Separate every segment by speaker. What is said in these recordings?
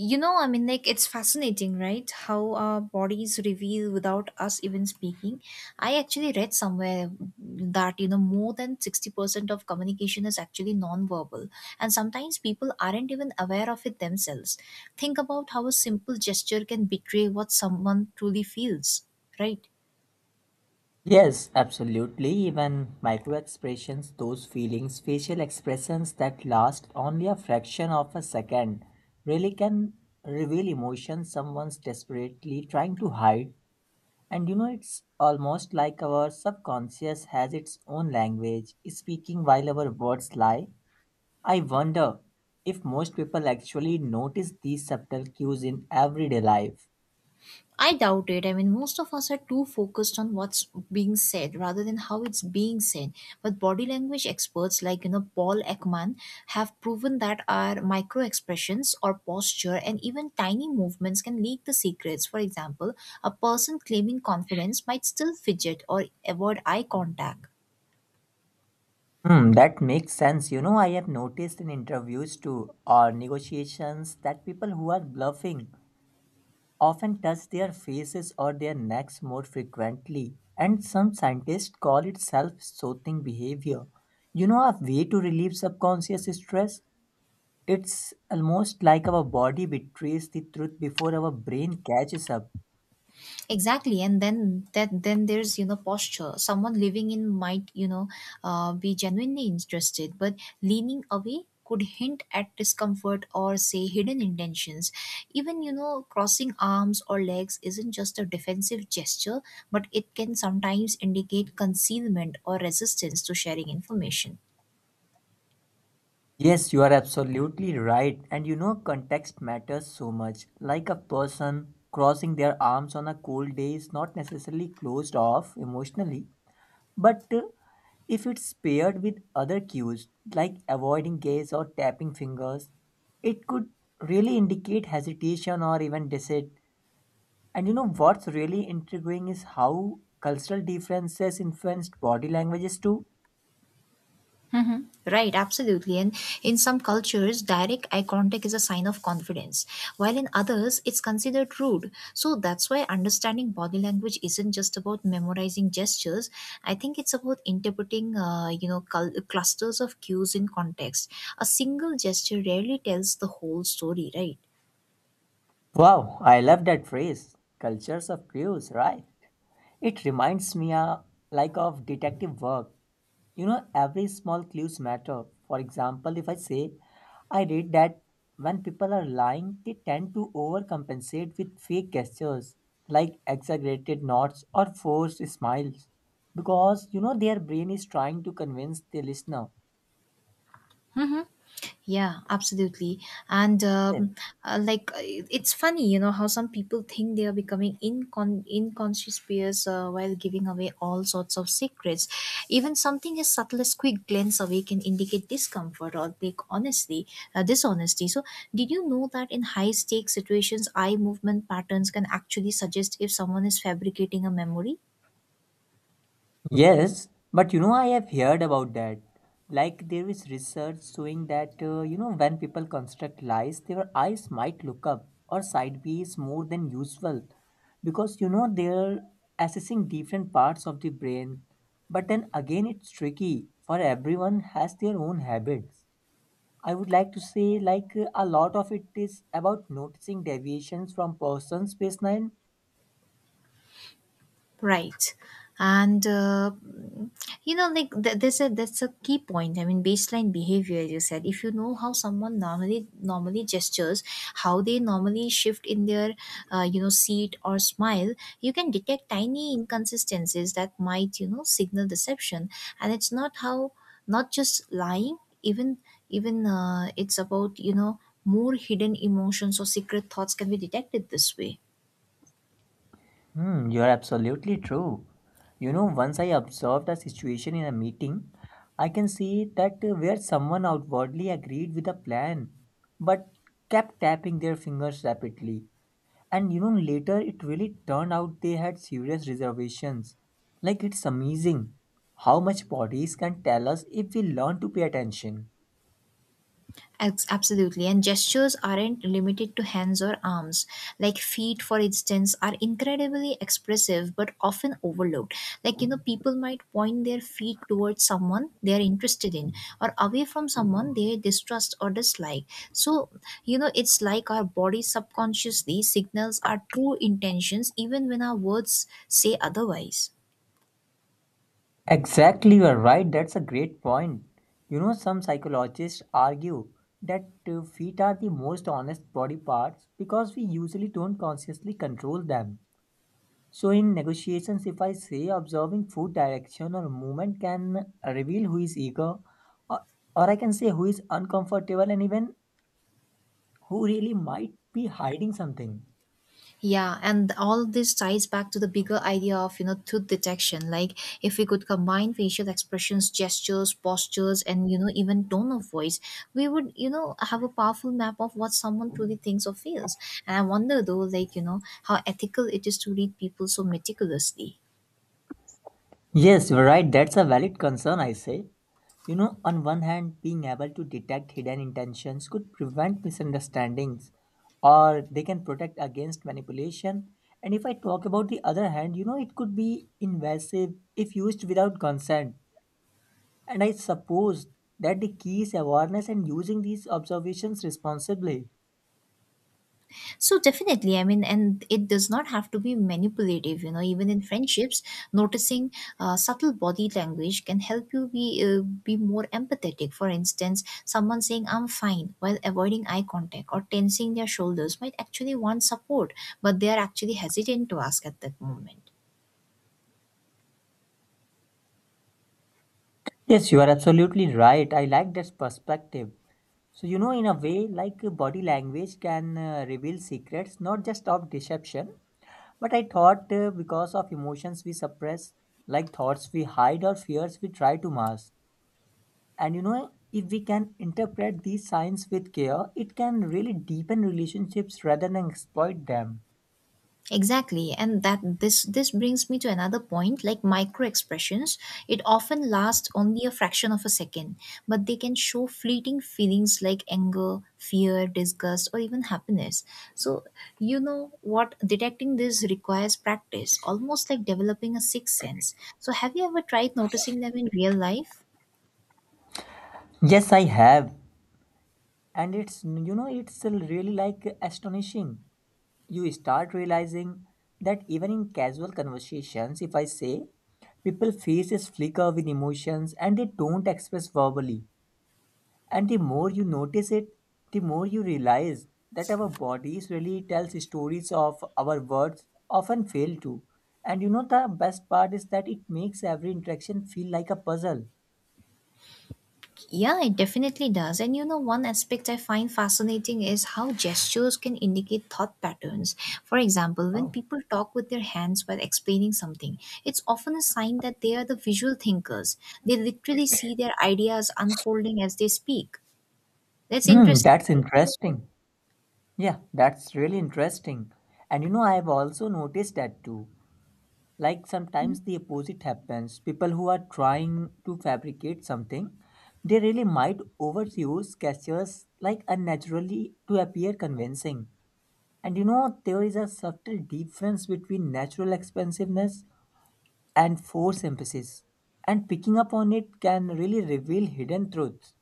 Speaker 1: I mean, like, it's fascinating, right? How our bodies reveal without us even speaking. I actually read somewhere that, more than 60% of communication is actually non-verbal, and sometimes people aren't even aware of it themselves. Think about how a simple gesture can betray what someone truly feels, right?
Speaker 2: Yes, absolutely. Even micro expressions, those feelings, facial expressions that last only a fraction of a second, really can reveal emotions someone's desperately trying to hide. And you know, it's almost like our subconscious has its own language, speaking while our words lie. I wonder if most people actually notice these subtle cues in everyday life.
Speaker 1: I doubt it. I mean, most of us are too focused on what's being said rather than how it's being said. But body language experts like, Paul Ekman have proven that our micro expressions or posture and even tiny movements can leak the secrets. For example, a person claiming confidence might still fidget or avoid eye contact.
Speaker 2: Hmm, that makes sense. You know, I have noticed in interviews too or negotiations that people who are bluffing often touch their faces or their necks more frequently. And some scientists call it self soothing behavior. You know, a way to relieve subconscious stress? It's almost like our body betrays the truth before our brain catches up.
Speaker 1: Exactly. And then that then there's posture. Someone living in might be genuinely interested but leaning away could hint at discomfort or say hidden intentions. Even crossing arms or legs isn't just a defensive gesture, but it can sometimes indicate concealment or resistance to sharing information.
Speaker 2: Yes, you are absolutely right. And you know, context matters so much. Like a person crossing their arms on a cold day is not necessarily closed off emotionally, but if it's paired with other cues like avoiding gaze or tapping fingers, it could really indicate hesitation or even dissent. And you know, what's really intriguing is how cultural differences influenced body languages too.
Speaker 1: Right, absolutely. And in some cultures, direct eye contact is a sign of confidence, while in others, it's considered rude. So that's why understanding body language isn't just about memorizing gestures. I think it's about interpreting, clusters of cues in context. A single gesture rarely tells the whole story, right?
Speaker 2: Wow, I love that phrase. Cultures of cues, right? It reminds me like of detective work. You know, every small clues matter. For example, if I say I read that when people are lying, they tend to overcompensate with fake gestures like exaggerated nods or forced smiles because you know their brain is trying to convince the listener.
Speaker 1: Yeah, absolutely. And
Speaker 2: Yes.
Speaker 1: like, it's funny, how some people think they are becoming inconspicuous while giving away all sorts of secrets. Even something as subtle as quick glance away can indicate discomfort or like honestly, dishonesty. So, did you know that in high stakes situations, eye movement patterns can actually suggest if someone is fabricating a memory?
Speaker 2: Yes, but you know, I have heard about that. There is research showing that, you know, when people construct lies, their eyes might look up or sideways more than usual because, you know, they're assessing different parts of the brain. But then again, it's tricky for everyone has their own habits. I would like to say, a lot of it is about noticing deviations from person's baseline.
Speaker 1: Right. And like there's a that's a key point. I mean, baseline behavior, as you said. If you know how someone normally gestures, how they normally shift in their, seat or smile, you can detect tiny inconsistencies that might, signal deception. And it's not just lying, even it's about more hidden emotions or secret thoughts can be detected this way.
Speaker 2: Hmm, you're absolutely true. You know, once I observed a situation in a meeting, I can see that where someone outwardly agreed with a plan, but kept tapping their fingers rapidly. And you know, later it really turned out they had serious reservations. Like, it's amazing how much bodies can tell us if we learn to pay attention.
Speaker 1: Absolutely. And gestures aren't limited to hands or arms. Like feet, for instance, are incredibly expressive but often overlooked. Like, people might point their feet towards someone they are interested in or away from someone they distrust or dislike. So, it's like our body subconsciously signals our true intentions even when our words say otherwise.
Speaker 2: Exactly, you are right. That's a great point. You know, some psychologists argue that feet are the most honest body parts because we usually don't consciously control them. So, in negotiations, if I say observing food direction or movement can reveal who is eager, or, or I can say who is uncomfortable, and even who really might be hiding something.
Speaker 1: Yeah, and all this ties back to the bigger idea of, truth detection. Like if we could combine facial expressions, gestures, postures, and, even tone of voice, we would, have a powerful map of what someone truly thinks or feels. And I wonder though, like, how ethical it is to read people so meticulously.
Speaker 2: Yes, you're right. That's a valid concern, I say. You know, on one hand, being able to detect hidden intentions could prevent misunderstandings or they can protect against manipulation. And if I talk about the other hand, you know, it could be invasive if used without consent. And I suppose that the key is awareness and using these observations responsibly.
Speaker 1: So definitely, I mean, and it does not have to be manipulative. Even in friendships, noticing subtle body language can help you be more empathetic. For instance, someone saying "I'm fine" while avoiding eye contact or tensing their shoulders might actually want support, but they are actually hesitant to ask at that moment.
Speaker 2: Yes, you are absolutely right. I like that perspective. So, you know, in a way, like body language can reveal secrets not just of deception. But I thought because of emotions we suppress, like thoughts we hide or fears we try to mask. And you know, if we can interpret these signs with care, it can really deepen relationships rather than exploit them.
Speaker 1: Exactly, and that this brings me to another point like micro expressions. It often lasts only a fraction of a second, but they can show fleeting feelings like anger, fear, disgust, or even happiness. So, you know what, detecting this requires practice, almost like developing a sixth sense. So, have you ever tried noticing them in real life?
Speaker 2: Yes, I have. And it's, you know, it's really like astonishing. You start realizing that even in casual conversations, if I say, people faces flicker with emotions and they don't express verbally. And the more you notice it, the more you realize that our bodies really tells stories of our words often fail to. And you know the best part is that it makes every interaction feel like a puzzle.
Speaker 1: Yeah, it definitely does. And one aspect I find fascinating is how gestures can indicate thought patterns. For example, when
Speaker 2: Oh.
Speaker 1: people talk with their hands while explaining something, it's often a sign that they are the visual thinkers. They literally see their ideas unfolding as they speak. That's
Speaker 2: Hmm,
Speaker 1: interesting,
Speaker 2: that's
Speaker 1: right?
Speaker 2: interesting. Yeah, that's really interesting. And you know, I have also noticed that too. Like sometimes the opposite happens. People who are trying to fabricate something, they really might overuse gestures like unnaturally to appear convincing. And you know, there is a subtle difference between natural expansiveness and forced emphasis. And picking up on it can really reveal hidden truths.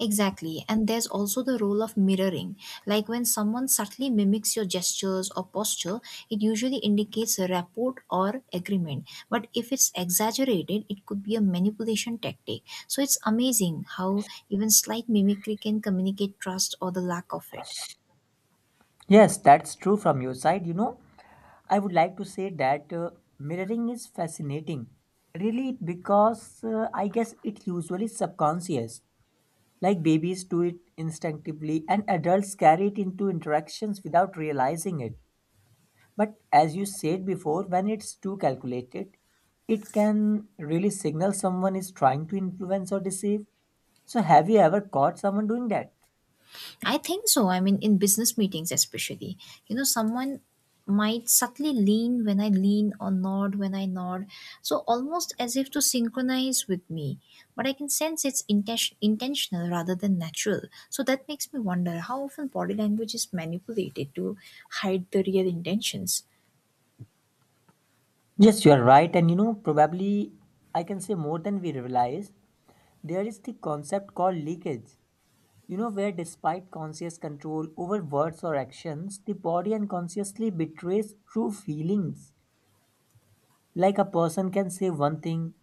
Speaker 1: Exactly. And there's also the role of mirroring. Like when someone subtly mimics your gestures or posture, it usually indicates a rapport or agreement. But if it's exaggerated, it could be a manipulation tactic. So it's amazing how even slight mimicry can communicate trust or the lack of it.
Speaker 2: Yes, that's true from your side. You know, I would like to say that mirroring is fascinating. Really, because I guess it usually subconscious. Like babies do it instinctively, and adults carry it into interactions without realizing it. But as you said before, when it's too calculated, it can really signal someone is trying to influence or deceive. So, have you ever caught someone doing that?
Speaker 1: I think so. I mean, in business meetings, especially, someone might subtly lean when I lean or nod when I nod. So almost as if to synchronize with me. But I can sense it's intentional rather than natural. So that makes me wonder how often body language is manipulated to hide the real intentions.
Speaker 2: Yes, you are right. And you know, probably I can say more than we realize, there is the concept called leakage. You know, where despite conscious control over words or actions, the body unconsciously betrays true feelings. Like a person can say one thing,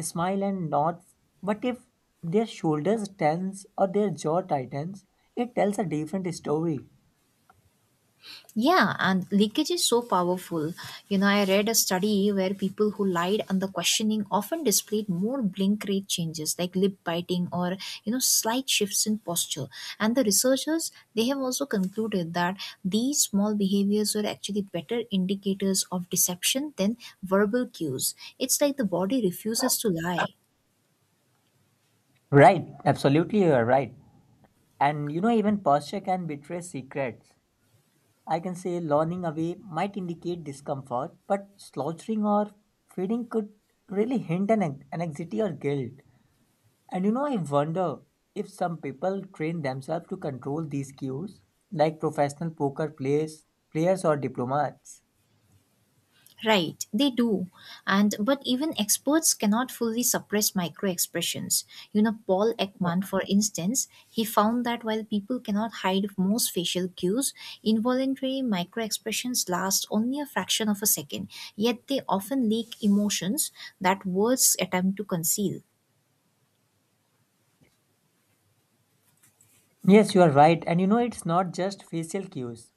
Speaker 2: smile and nod, but if their shoulders tense or their jaw tightens, it tells a different story.
Speaker 1: Yeah, and leakage is so powerful. I read a study where people who lied under questioning often displayed more blink rate changes like lip biting or, slight shifts in posture. And the researchers, they have also concluded that these small behaviors were actually better indicators of deception than verbal cues. It's like the body refuses to lie.
Speaker 2: Right, absolutely, you are right. And you know, even posture can betray secrets. I can say lolling away might indicate discomfort, but slouching or fading could really hint an anxiety or guilt. And you know, I wonder if some people train themselves to control these cues, like professional poker players or diplomats.
Speaker 1: Right, they do. And but even experts cannot fully suppress microexpressions. Paul Ekman,
Speaker 2: Yeah.
Speaker 1: for instance, he found that while people cannot hide most facial cues, involuntary microexpressions last only a fraction of a second, yet they often leak emotions that words attempt to conceal.
Speaker 2: Yes, you are right. And you know, it's not just facial cues,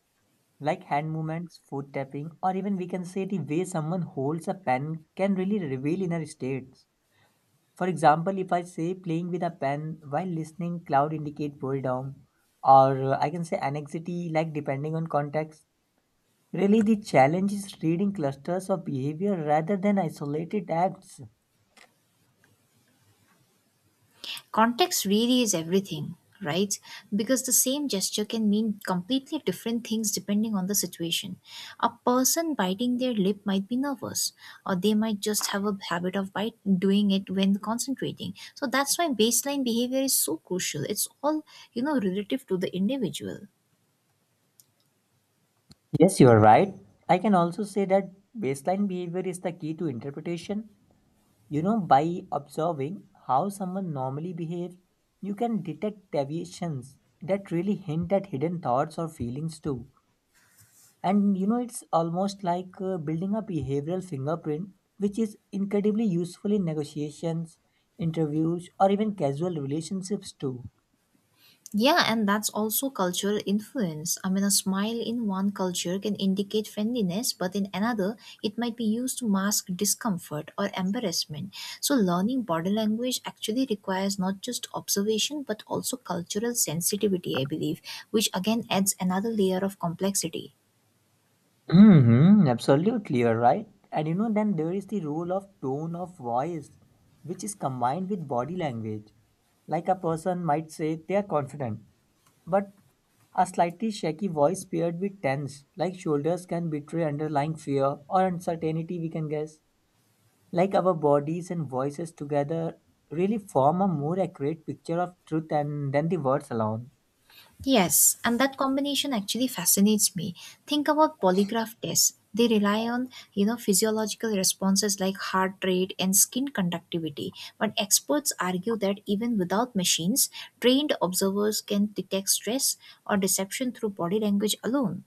Speaker 2: like hand movements, foot tapping, or even we can say the way someone holds a pen can really reveal inner states. For example, if I say playing with a pen while listening, cloud indicate boredom, or I can say anxiety, like depending on context. Really, the challenge is reading clusters of behavior rather than isolated acts.
Speaker 1: Context really is everything, right? Because the same gesture can mean completely different things depending on the situation. A person biting their lip might be nervous, or they might just have a habit of bite doing it when concentrating. So that's why baseline behavior is so crucial. It's all, relative to the individual.
Speaker 2: Yes, you are right. I can also say that baseline behavior is the key to interpretation. You know, by observing how someone normally behaves, you can detect deviations that really hint at hidden thoughts or feelings too. And you know, it's almost like building a behavioral fingerprint, which is incredibly useful in negotiations, interviews, or even casual relationships too.
Speaker 1: Yeah, and that's also cultural influence. I mean, a smile in one culture can indicate friendliness, but in another, it might be used to mask discomfort or embarrassment. So, learning body language actually requires not just observation but also cultural sensitivity, I believe, which again adds another layer of complexity.
Speaker 2: Mm-hmm, absolutely, you're right. And you know, then there is the role of tone of voice, which is combined with body language. Like a person might say they are confident, but a slightly shaky voice paired with tense, like shoulders can betray underlying fear or uncertainty, we can guess. Like our bodies and voices together really form a more accurate picture of truth and than the words alone.
Speaker 1: Yes, and that combination actually fascinates me. Think about polygraph tests. They rely on, physiological responses like heart rate and skin conductivity. But experts argue that even without machines, trained observers can detect stress or deception through body language alone.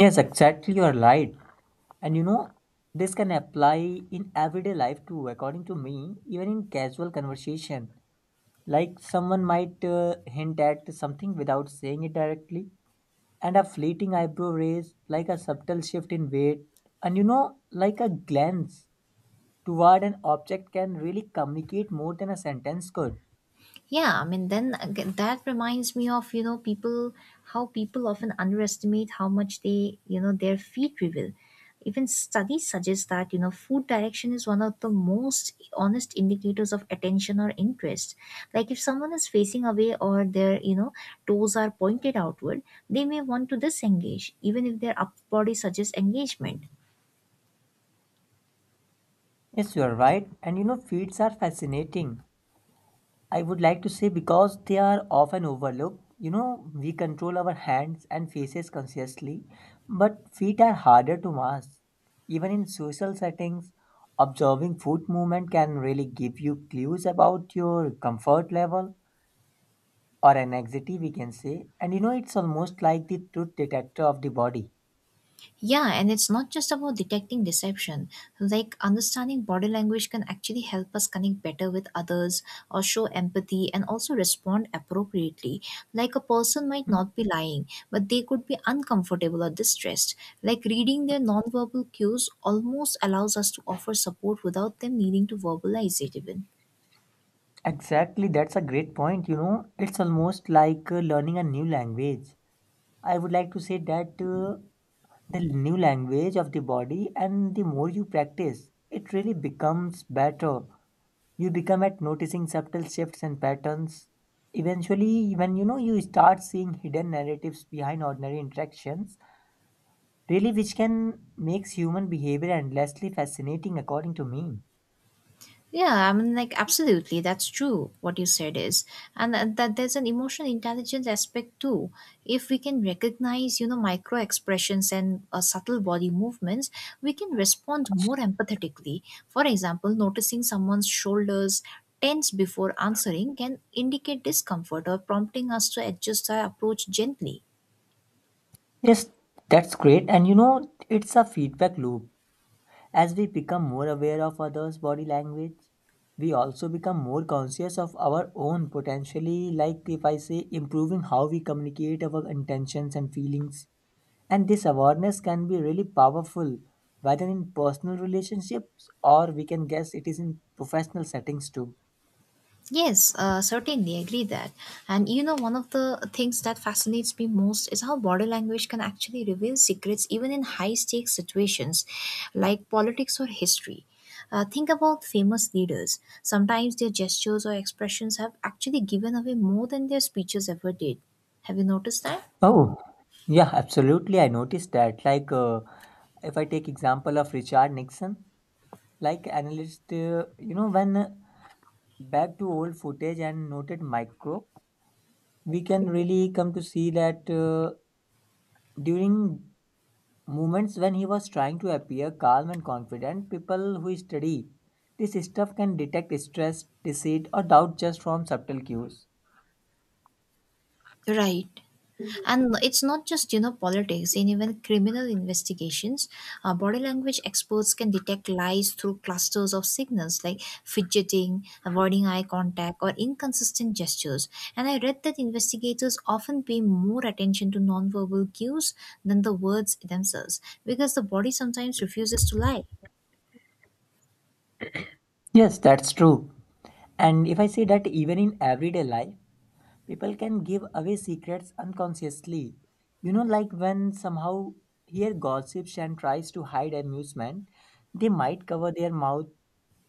Speaker 2: Yes, exactly. You are right. And you know, this can apply in everyday life too, according to me, even in casual conversation. Like someone might hint at something without saying it directly, and a fleeting eyebrow raise, like a subtle shift in weight, and you know, like a glance toward an object can really communicate more than a sentence could.
Speaker 1: Yeah, I mean, then that reminds me of, people, how people often underestimate how much they, their feet reveal. Even studies suggest that, food direction is one of the most honest indicators of attention or interest. Like if someone is facing away or their, toes are pointed outward, they may want to disengage, even if their upper body suggests engagement.
Speaker 2: Yes, you are right. And you know, feeds are fascinating I would like to say because they are often overlooked. You know, we control our hands and faces consciously, but feet are harder to mask. Even in social settings, observing foot movement can really give you clues about your comfort level or anxiety, we can say. And you know, it's almost like the truth detector of the body.
Speaker 1: Yeah, and it's not just about detecting deception. Like understanding body language can actually help us connect better with others or show empathy and also respond appropriately. Like a person might not be lying, but they could be uncomfortable or distressed. Like reading their nonverbal cues almost allows us to offer support without them needing to verbalize it even.
Speaker 2: Exactly, that's a great point. You know, it's almost like learning a new language. I would like to say that the new language of the body and the more you practice, it really becomes better. You become at noticing subtle shifts and patterns. Eventually, when you know you start seeing hidden narratives behind ordinary interactions, really which can makes human behavior endlessly fascinating according to me.
Speaker 1: Yeah, I mean, like, absolutely, that's true. What you said is, and that there's an emotional intelligence aspect too. If we can recognize, micro expressions and subtle body movements, we can respond more empathetically. For example, noticing someone's shoulders tense before answering can indicate discomfort or prompting us to adjust our approach gently.
Speaker 2: Yes, that's great. And you know, it's a feedback loop. As we become more aware of others' body language, we also become more conscious of our own, potentially, like if I say, improving how we communicate our intentions and feelings. And this awareness can be really powerful, whether in personal relationships or we can guess it is in professional settings too.
Speaker 1: Yes, certainly agree that. And one of the things that fascinates me most is how body language can actually reveal secrets even in high stakes situations like politics or history. Think about famous leaders. Sometimes their gestures or expressions have actually given away more than their speeches ever did. Have you noticed that?
Speaker 2: Oh, yeah, absolutely. I noticed that. If I take example of Richard Nixon, like analyst, you know, when back to old footage and noted micro we can really come to see that during moments when he was trying to appear calm and confident, people who study this stuff can detect stress, deceit, or doubt just from subtle cues.
Speaker 1: Right. And no, it's not just, politics, in even criminal investigations, body language experts can detect lies through clusters of signals like fidgeting, avoiding eye contact, or inconsistent gestures. And I read that investigators often pay more attention to nonverbal cues than the words themselves because the body sometimes refuses to lie.
Speaker 2: Yes, that's true. And if I say that even in everyday life, people can give away secrets unconsciously. You know, like when somehow here gossips and tries to hide amusement, they might cover their mouth,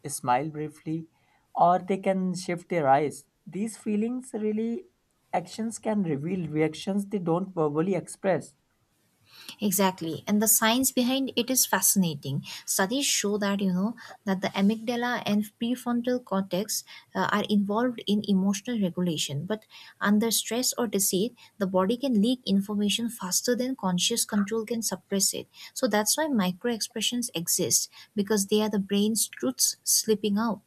Speaker 2: smile briefly, or they can shift their eyes. These feelings really actions can reveal reactions they don't verbally express.
Speaker 1: Exactly. And the science behind it is fascinating. Studies show that, the amygdala and prefrontal cortex are involved in emotional regulation. But under stress or deceit, the body can leak information faster than conscious control can suppress it. So that's why micro expressions exist because they are the brain's truths slipping out.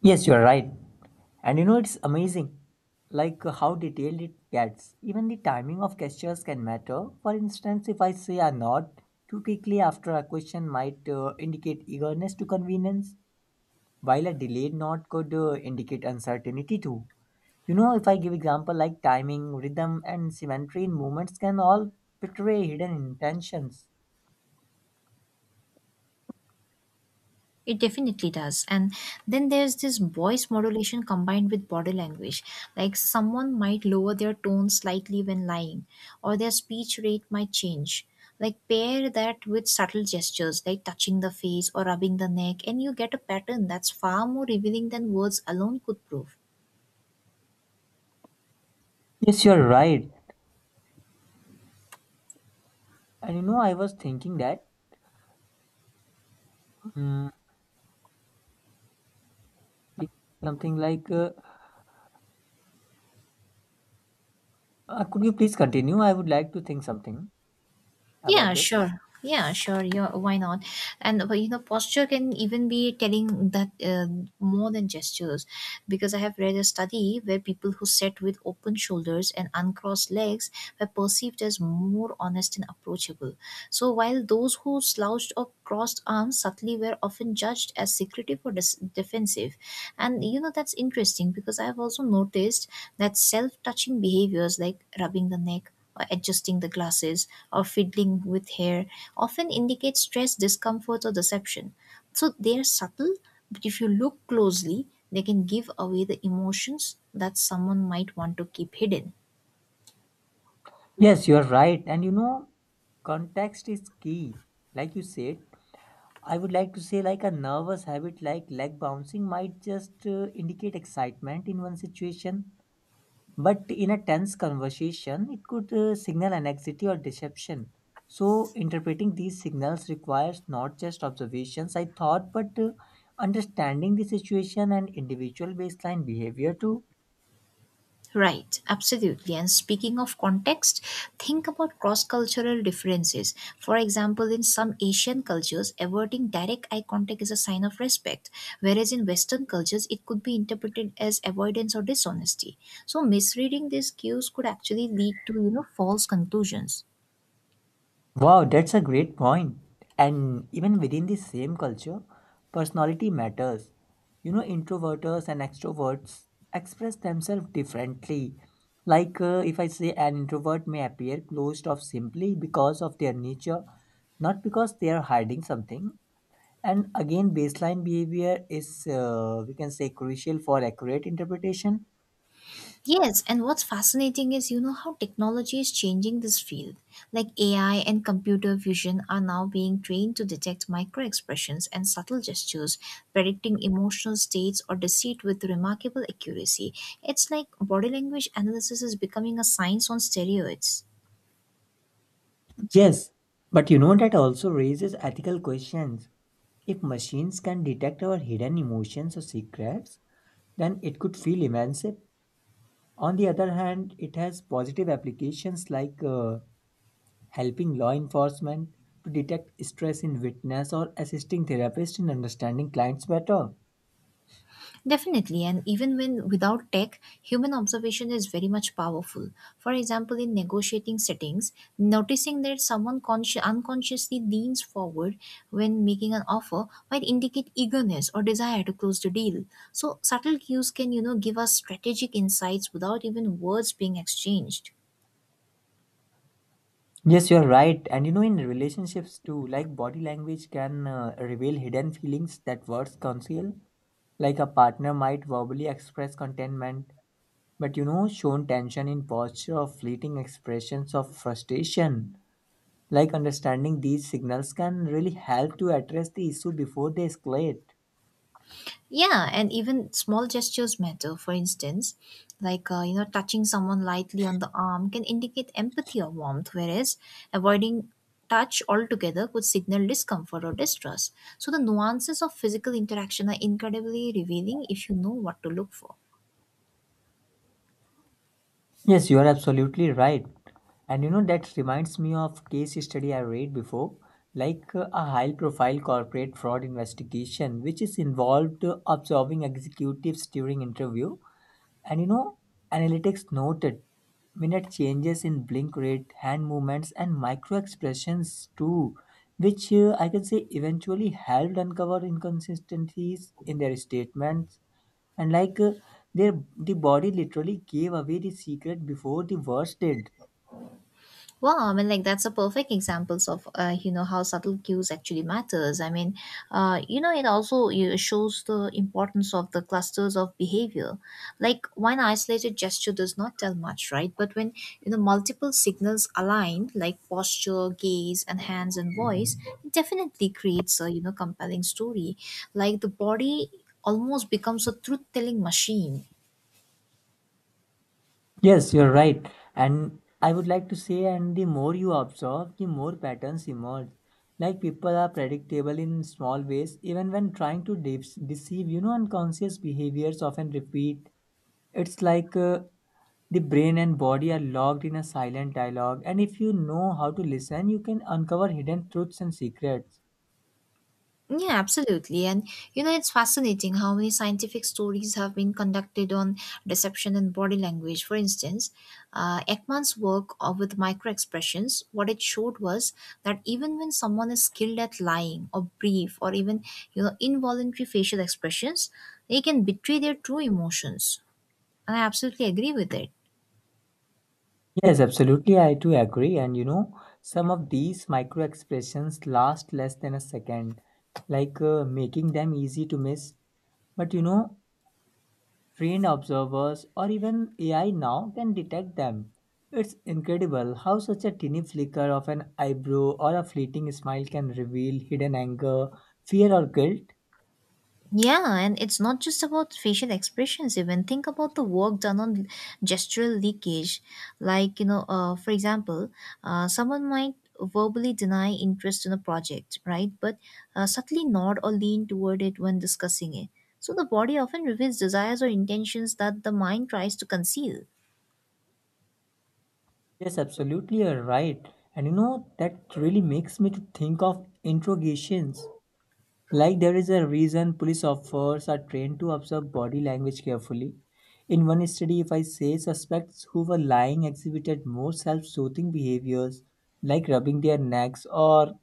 Speaker 2: Yes, you are right. And you know, it's amazing, how detailed it gets. Even the timing of gestures can matter. For instance, if I say a nod too quickly after a question might indicate eagerness to convenience, while a delayed nod could indicate uncertainty too. You know, if I give example like timing, rhythm, and symmetry in movements can all betray hidden intentions.
Speaker 1: It definitely does. And then there's this voice modulation combined with body language. Like someone might lower their tone slightly when lying, or their speech rate might change. Like pair that with subtle gestures like touching the face or rubbing the neck, and you get a pattern that's far more revealing than words alone could prove.
Speaker 2: Yes, you're right. And you know, I was thinking that mm, something like, could you please continue? I would like to think something about
Speaker 1: Yeah,
Speaker 2: this?
Speaker 1: sure. Yeah, sure. Yeah, why not? And but, posture can even be telling that more than gestures, because I have read a study where people who sat with open shoulders and uncrossed legs were perceived as more honest and approachable. So while those who slouched or crossed arms subtly were often judged as secretive or defensive, and you know, that's interesting because I've also noticed that self touching behaviors like rubbing the neck, or adjusting the glasses, or fiddling with hair often indicate stress, discomfort, or deception. So they are subtle, but if you look closely, they can give away the emotions that someone might want to keep hidden.
Speaker 2: Yes, you are right. And you know, context is key. Like you said, I would like to say, like a nervous habit like leg bouncing might just indicate excitement in one situation, but in a tense conversation, it could signal anxiety or deception. So, interpreting these signals requires not just observations, I thought, but understanding the situation and individual baseline behavior too.
Speaker 1: Right, absolutely. And speaking of context, think about cross cultural differences. For example, in some Asian cultures, averting direct eye contact is a sign of respect, whereas in Western cultures, it could be interpreted as avoidance or dishonesty. So, misreading these cues could actually lead to, you know, false conclusions.
Speaker 2: Wow, that's a great point. And even within the same culture, personality matters. You know, introverters and extroverts express themselves differently. Like, if I say an introvert may appear closed off simply because of their nature, not because they are hiding something. And again, baseline behavior is, we can say, crucial for accurate interpretation.
Speaker 1: Yes, and what's fascinating is you know how technology is changing this field. Like AI and computer vision are now being trained to detect micro expressions and subtle gestures, predicting emotional states or deceit with remarkable accuracy. It's like body language analysis is becoming a science on steroids.
Speaker 2: Yes, but you know that also raises ethical questions. If machines can detect our hidden emotions or secrets, then it could feel emancipated. On the other hand, it has positive applications like helping law enforcement to detect stress in witness or assisting therapists in understanding clients better.
Speaker 1: Definitely, and even when without tech, human observation is very much powerful. For example, in negotiating settings, noticing that someone unconsciously leans forward when making an offer might indicate eagerness or desire to close the deal. So, subtle cues can, you know, give us strategic insights without even words being exchanged.
Speaker 2: Yes, you're right. And you know, in relationships too, like body language can reveal hidden feelings that words conceal. Like a partner might verbally express contentment but you know shown tension in posture or fleeting expressions of frustration, like understanding these signals can really help to address the issue before they escalate.
Speaker 1: Yeah, and even small gestures matter. For instance, like you know, touching someone lightly on the arm can indicate empathy or warmth, whereas avoiding touch altogether could signal discomfort or distrust. So the nuances of physical interaction are incredibly revealing if you know what to look for.
Speaker 2: Yes, you are absolutely right. And you know, that reminds me of case study I read before. Like a high profile corporate fraud investigation which is involved observing executives during interview. And you know, analytics noted minute changes in blink rate, hand movements, and micro expressions too, which I can say eventually helped uncover inconsistencies in their statements. And like the body literally gave away the secret before the words did.
Speaker 1: Well, I mean, like that's a perfect examples of you know how subtle cues actually matters. I mean, you know, it also you know, shows the importance of the clusters of behavior. Like one isolated gesture does not tell much, right? But when you know multiple signals align, like posture, gaze, and hands and voice, it definitely creates a you know compelling story. Like the body almost becomes a truth-telling machine.
Speaker 2: Yes, you're right. And I would like to say, and the more you observe, the more patterns emerge. Like people are predictable in small ways, even when trying to deceive, you know, unconscious behaviors often repeat. It's like the brain and body are locked in a silent dialogue, and if you know how to listen, you can uncover hidden truths and secrets.
Speaker 1: Yeah, absolutely. And you know, it's fascinating how many scientific stories have been conducted on deception and body language. For instance, Ekman's work with microexpressions, what it showed was that even when someone is skilled at lying or brief or even, you know, involuntary facial expressions, they can betray their true emotions. And I absolutely agree with it.
Speaker 2: Yes, absolutely. I do agree. And you know, some of these micro expressions last less than a second, like making them easy to miss. But you know, trained observers or even AI now can detect them. It's incredible how such a tiny flicker of an eyebrow or a fleeting smile can reveal hidden anger, fear, or guilt.
Speaker 1: Yeah, and it's not just about facial expressions, even. Think about the work done on gestural leakage. Like, you know, for example, someone might verbally deny interest in a project, right? But subtly nod or lean toward it when discussing it. So the body often reveals desires or intentions that the mind tries to conceal.
Speaker 2: Yes, absolutely. You're right. And you know, that really makes me to think of interrogations. Like there is a reason police officers are trained to observe body language carefully. In one study, if I say suspects who were lying exhibited more self-soothing behaviors like rubbing their necks or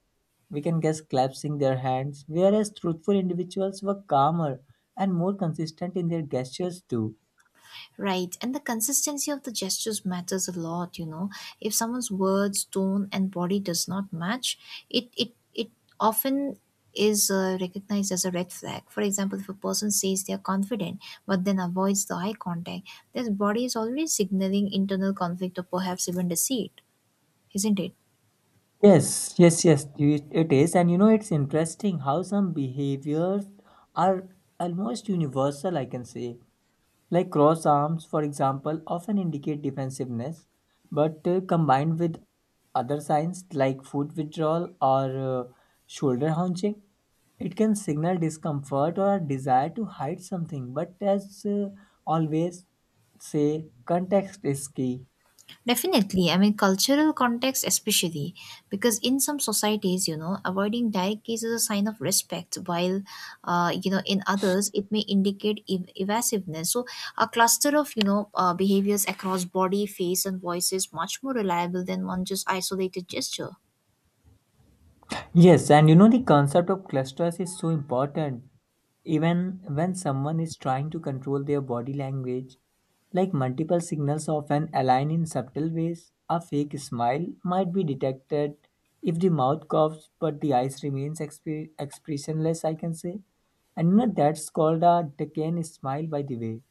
Speaker 2: we can guess clasping their hands, whereas truthful individuals were calmer and more consistent in their gestures too.
Speaker 1: Right, and the consistency of the gestures matters a lot, you know. If someone's words, tone, and body does not match, it often is recognized as a red flag. For example, if a person says they are confident but then avoids the eye contact, their body is already signaling internal conflict or perhaps even deceit, isn't it?
Speaker 2: Yes, yes, yes, it is. And you know, it's interesting how some behaviors are almost universal, I can say. Like cross arms, for example, often indicate defensiveness, but combined with other signs like foot withdrawal or shoulder hunching, it can signal discomfort or a desire to hide something. But as always say, context is key.
Speaker 1: Definitely, I mean, cultural context, especially because in some societies, you know, avoiding direct gaze is a sign of respect, while, you know, in others, it may indicate evasiveness. So, a cluster of, you know, behaviors across body, face, and voice is much more reliable than one just isolated gesture.
Speaker 2: Yes, and you know the concept of clusters is so important. Even when someone is trying to control their body language, like multiple signals often align in subtle ways, a fake smile might be detected if the mouth coughs but the eyes remains expressionless, I can say. And you know that's called a decaying smile by the way.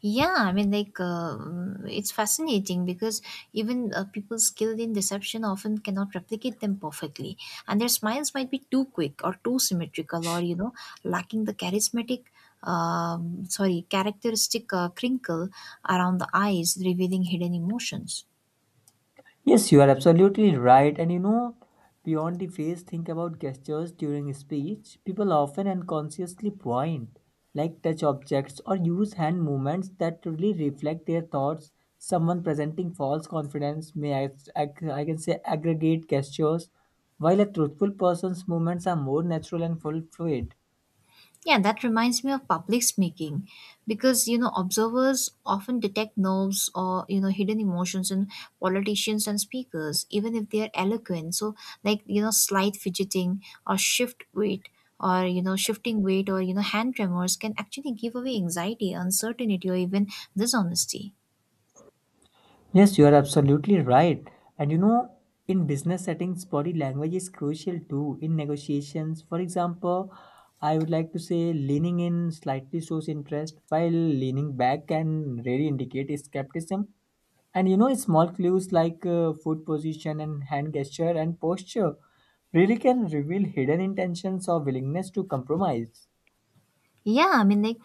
Speaker 1: Yeah, I mean, like, it's fascinating because even people skilled in deception often cannot replicate them perfectly. And their smiles might be too quick or too symmetrical or, you know, lacking the characteristic crinkle around the eyes, revealing hidden emotions.
Speaker 2: Yes, you are absolutely right. And you know, beyond the face, think about gestures during speech. People often unconsciously point, like touch objects or use hand movements that truly reflect their thoughts. Someone presenting false confidence may, I can say, aggregate gestures, while a truthful person's movements are more natural and full fluid.
Speaker 1: Yeah, that reminds me of public speaking because you know observers often detect nerves or you know hidden emotions in politicians and speakers even if they are eloquent, so like you know slight fidgeting or shift weight or you know hand tremors can actually give away anxiety, uncertainty, or even dishonesty.
Speaker 2: Yes, you are absolutely right. And you know, in business settings, body language is crucial too. In negotiations, for example, I would like to say leaning in slightly shows interest, while leaning back can really indicate skepticism. And you know, small clues like foot position and hand gesture and posture really can reveal hidden intentions or willingness to compromise.
Speaker 1: yeah i mean like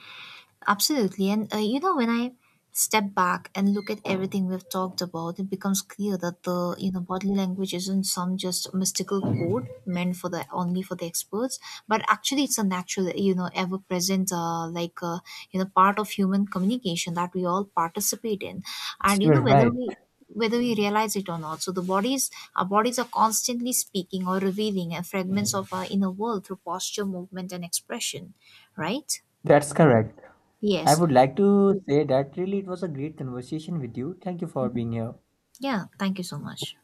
Speaker 1: Absolutely. And you know, when I step back and look at everything we've talked about, it becomes clear that the, you know, bodily language isn't some just mystical code meant for the only for the experts, but actually it's a natural, you know, ever present, you know, part of human communication that we all participate in. And, you know,
Speaker 2: You're right.
Speaker 1: whether we realize it or not. So our bodies are constantly speaking or revealing fragments of our inner world through posture, movement, and expression, right?
Speaker 2: That's correct. I
Speaker 1: Yes.
Speaker 2: would like to say that really it was a great conversation with you. Thank you for being here.
Speaker 1: Yeah, thank you so much.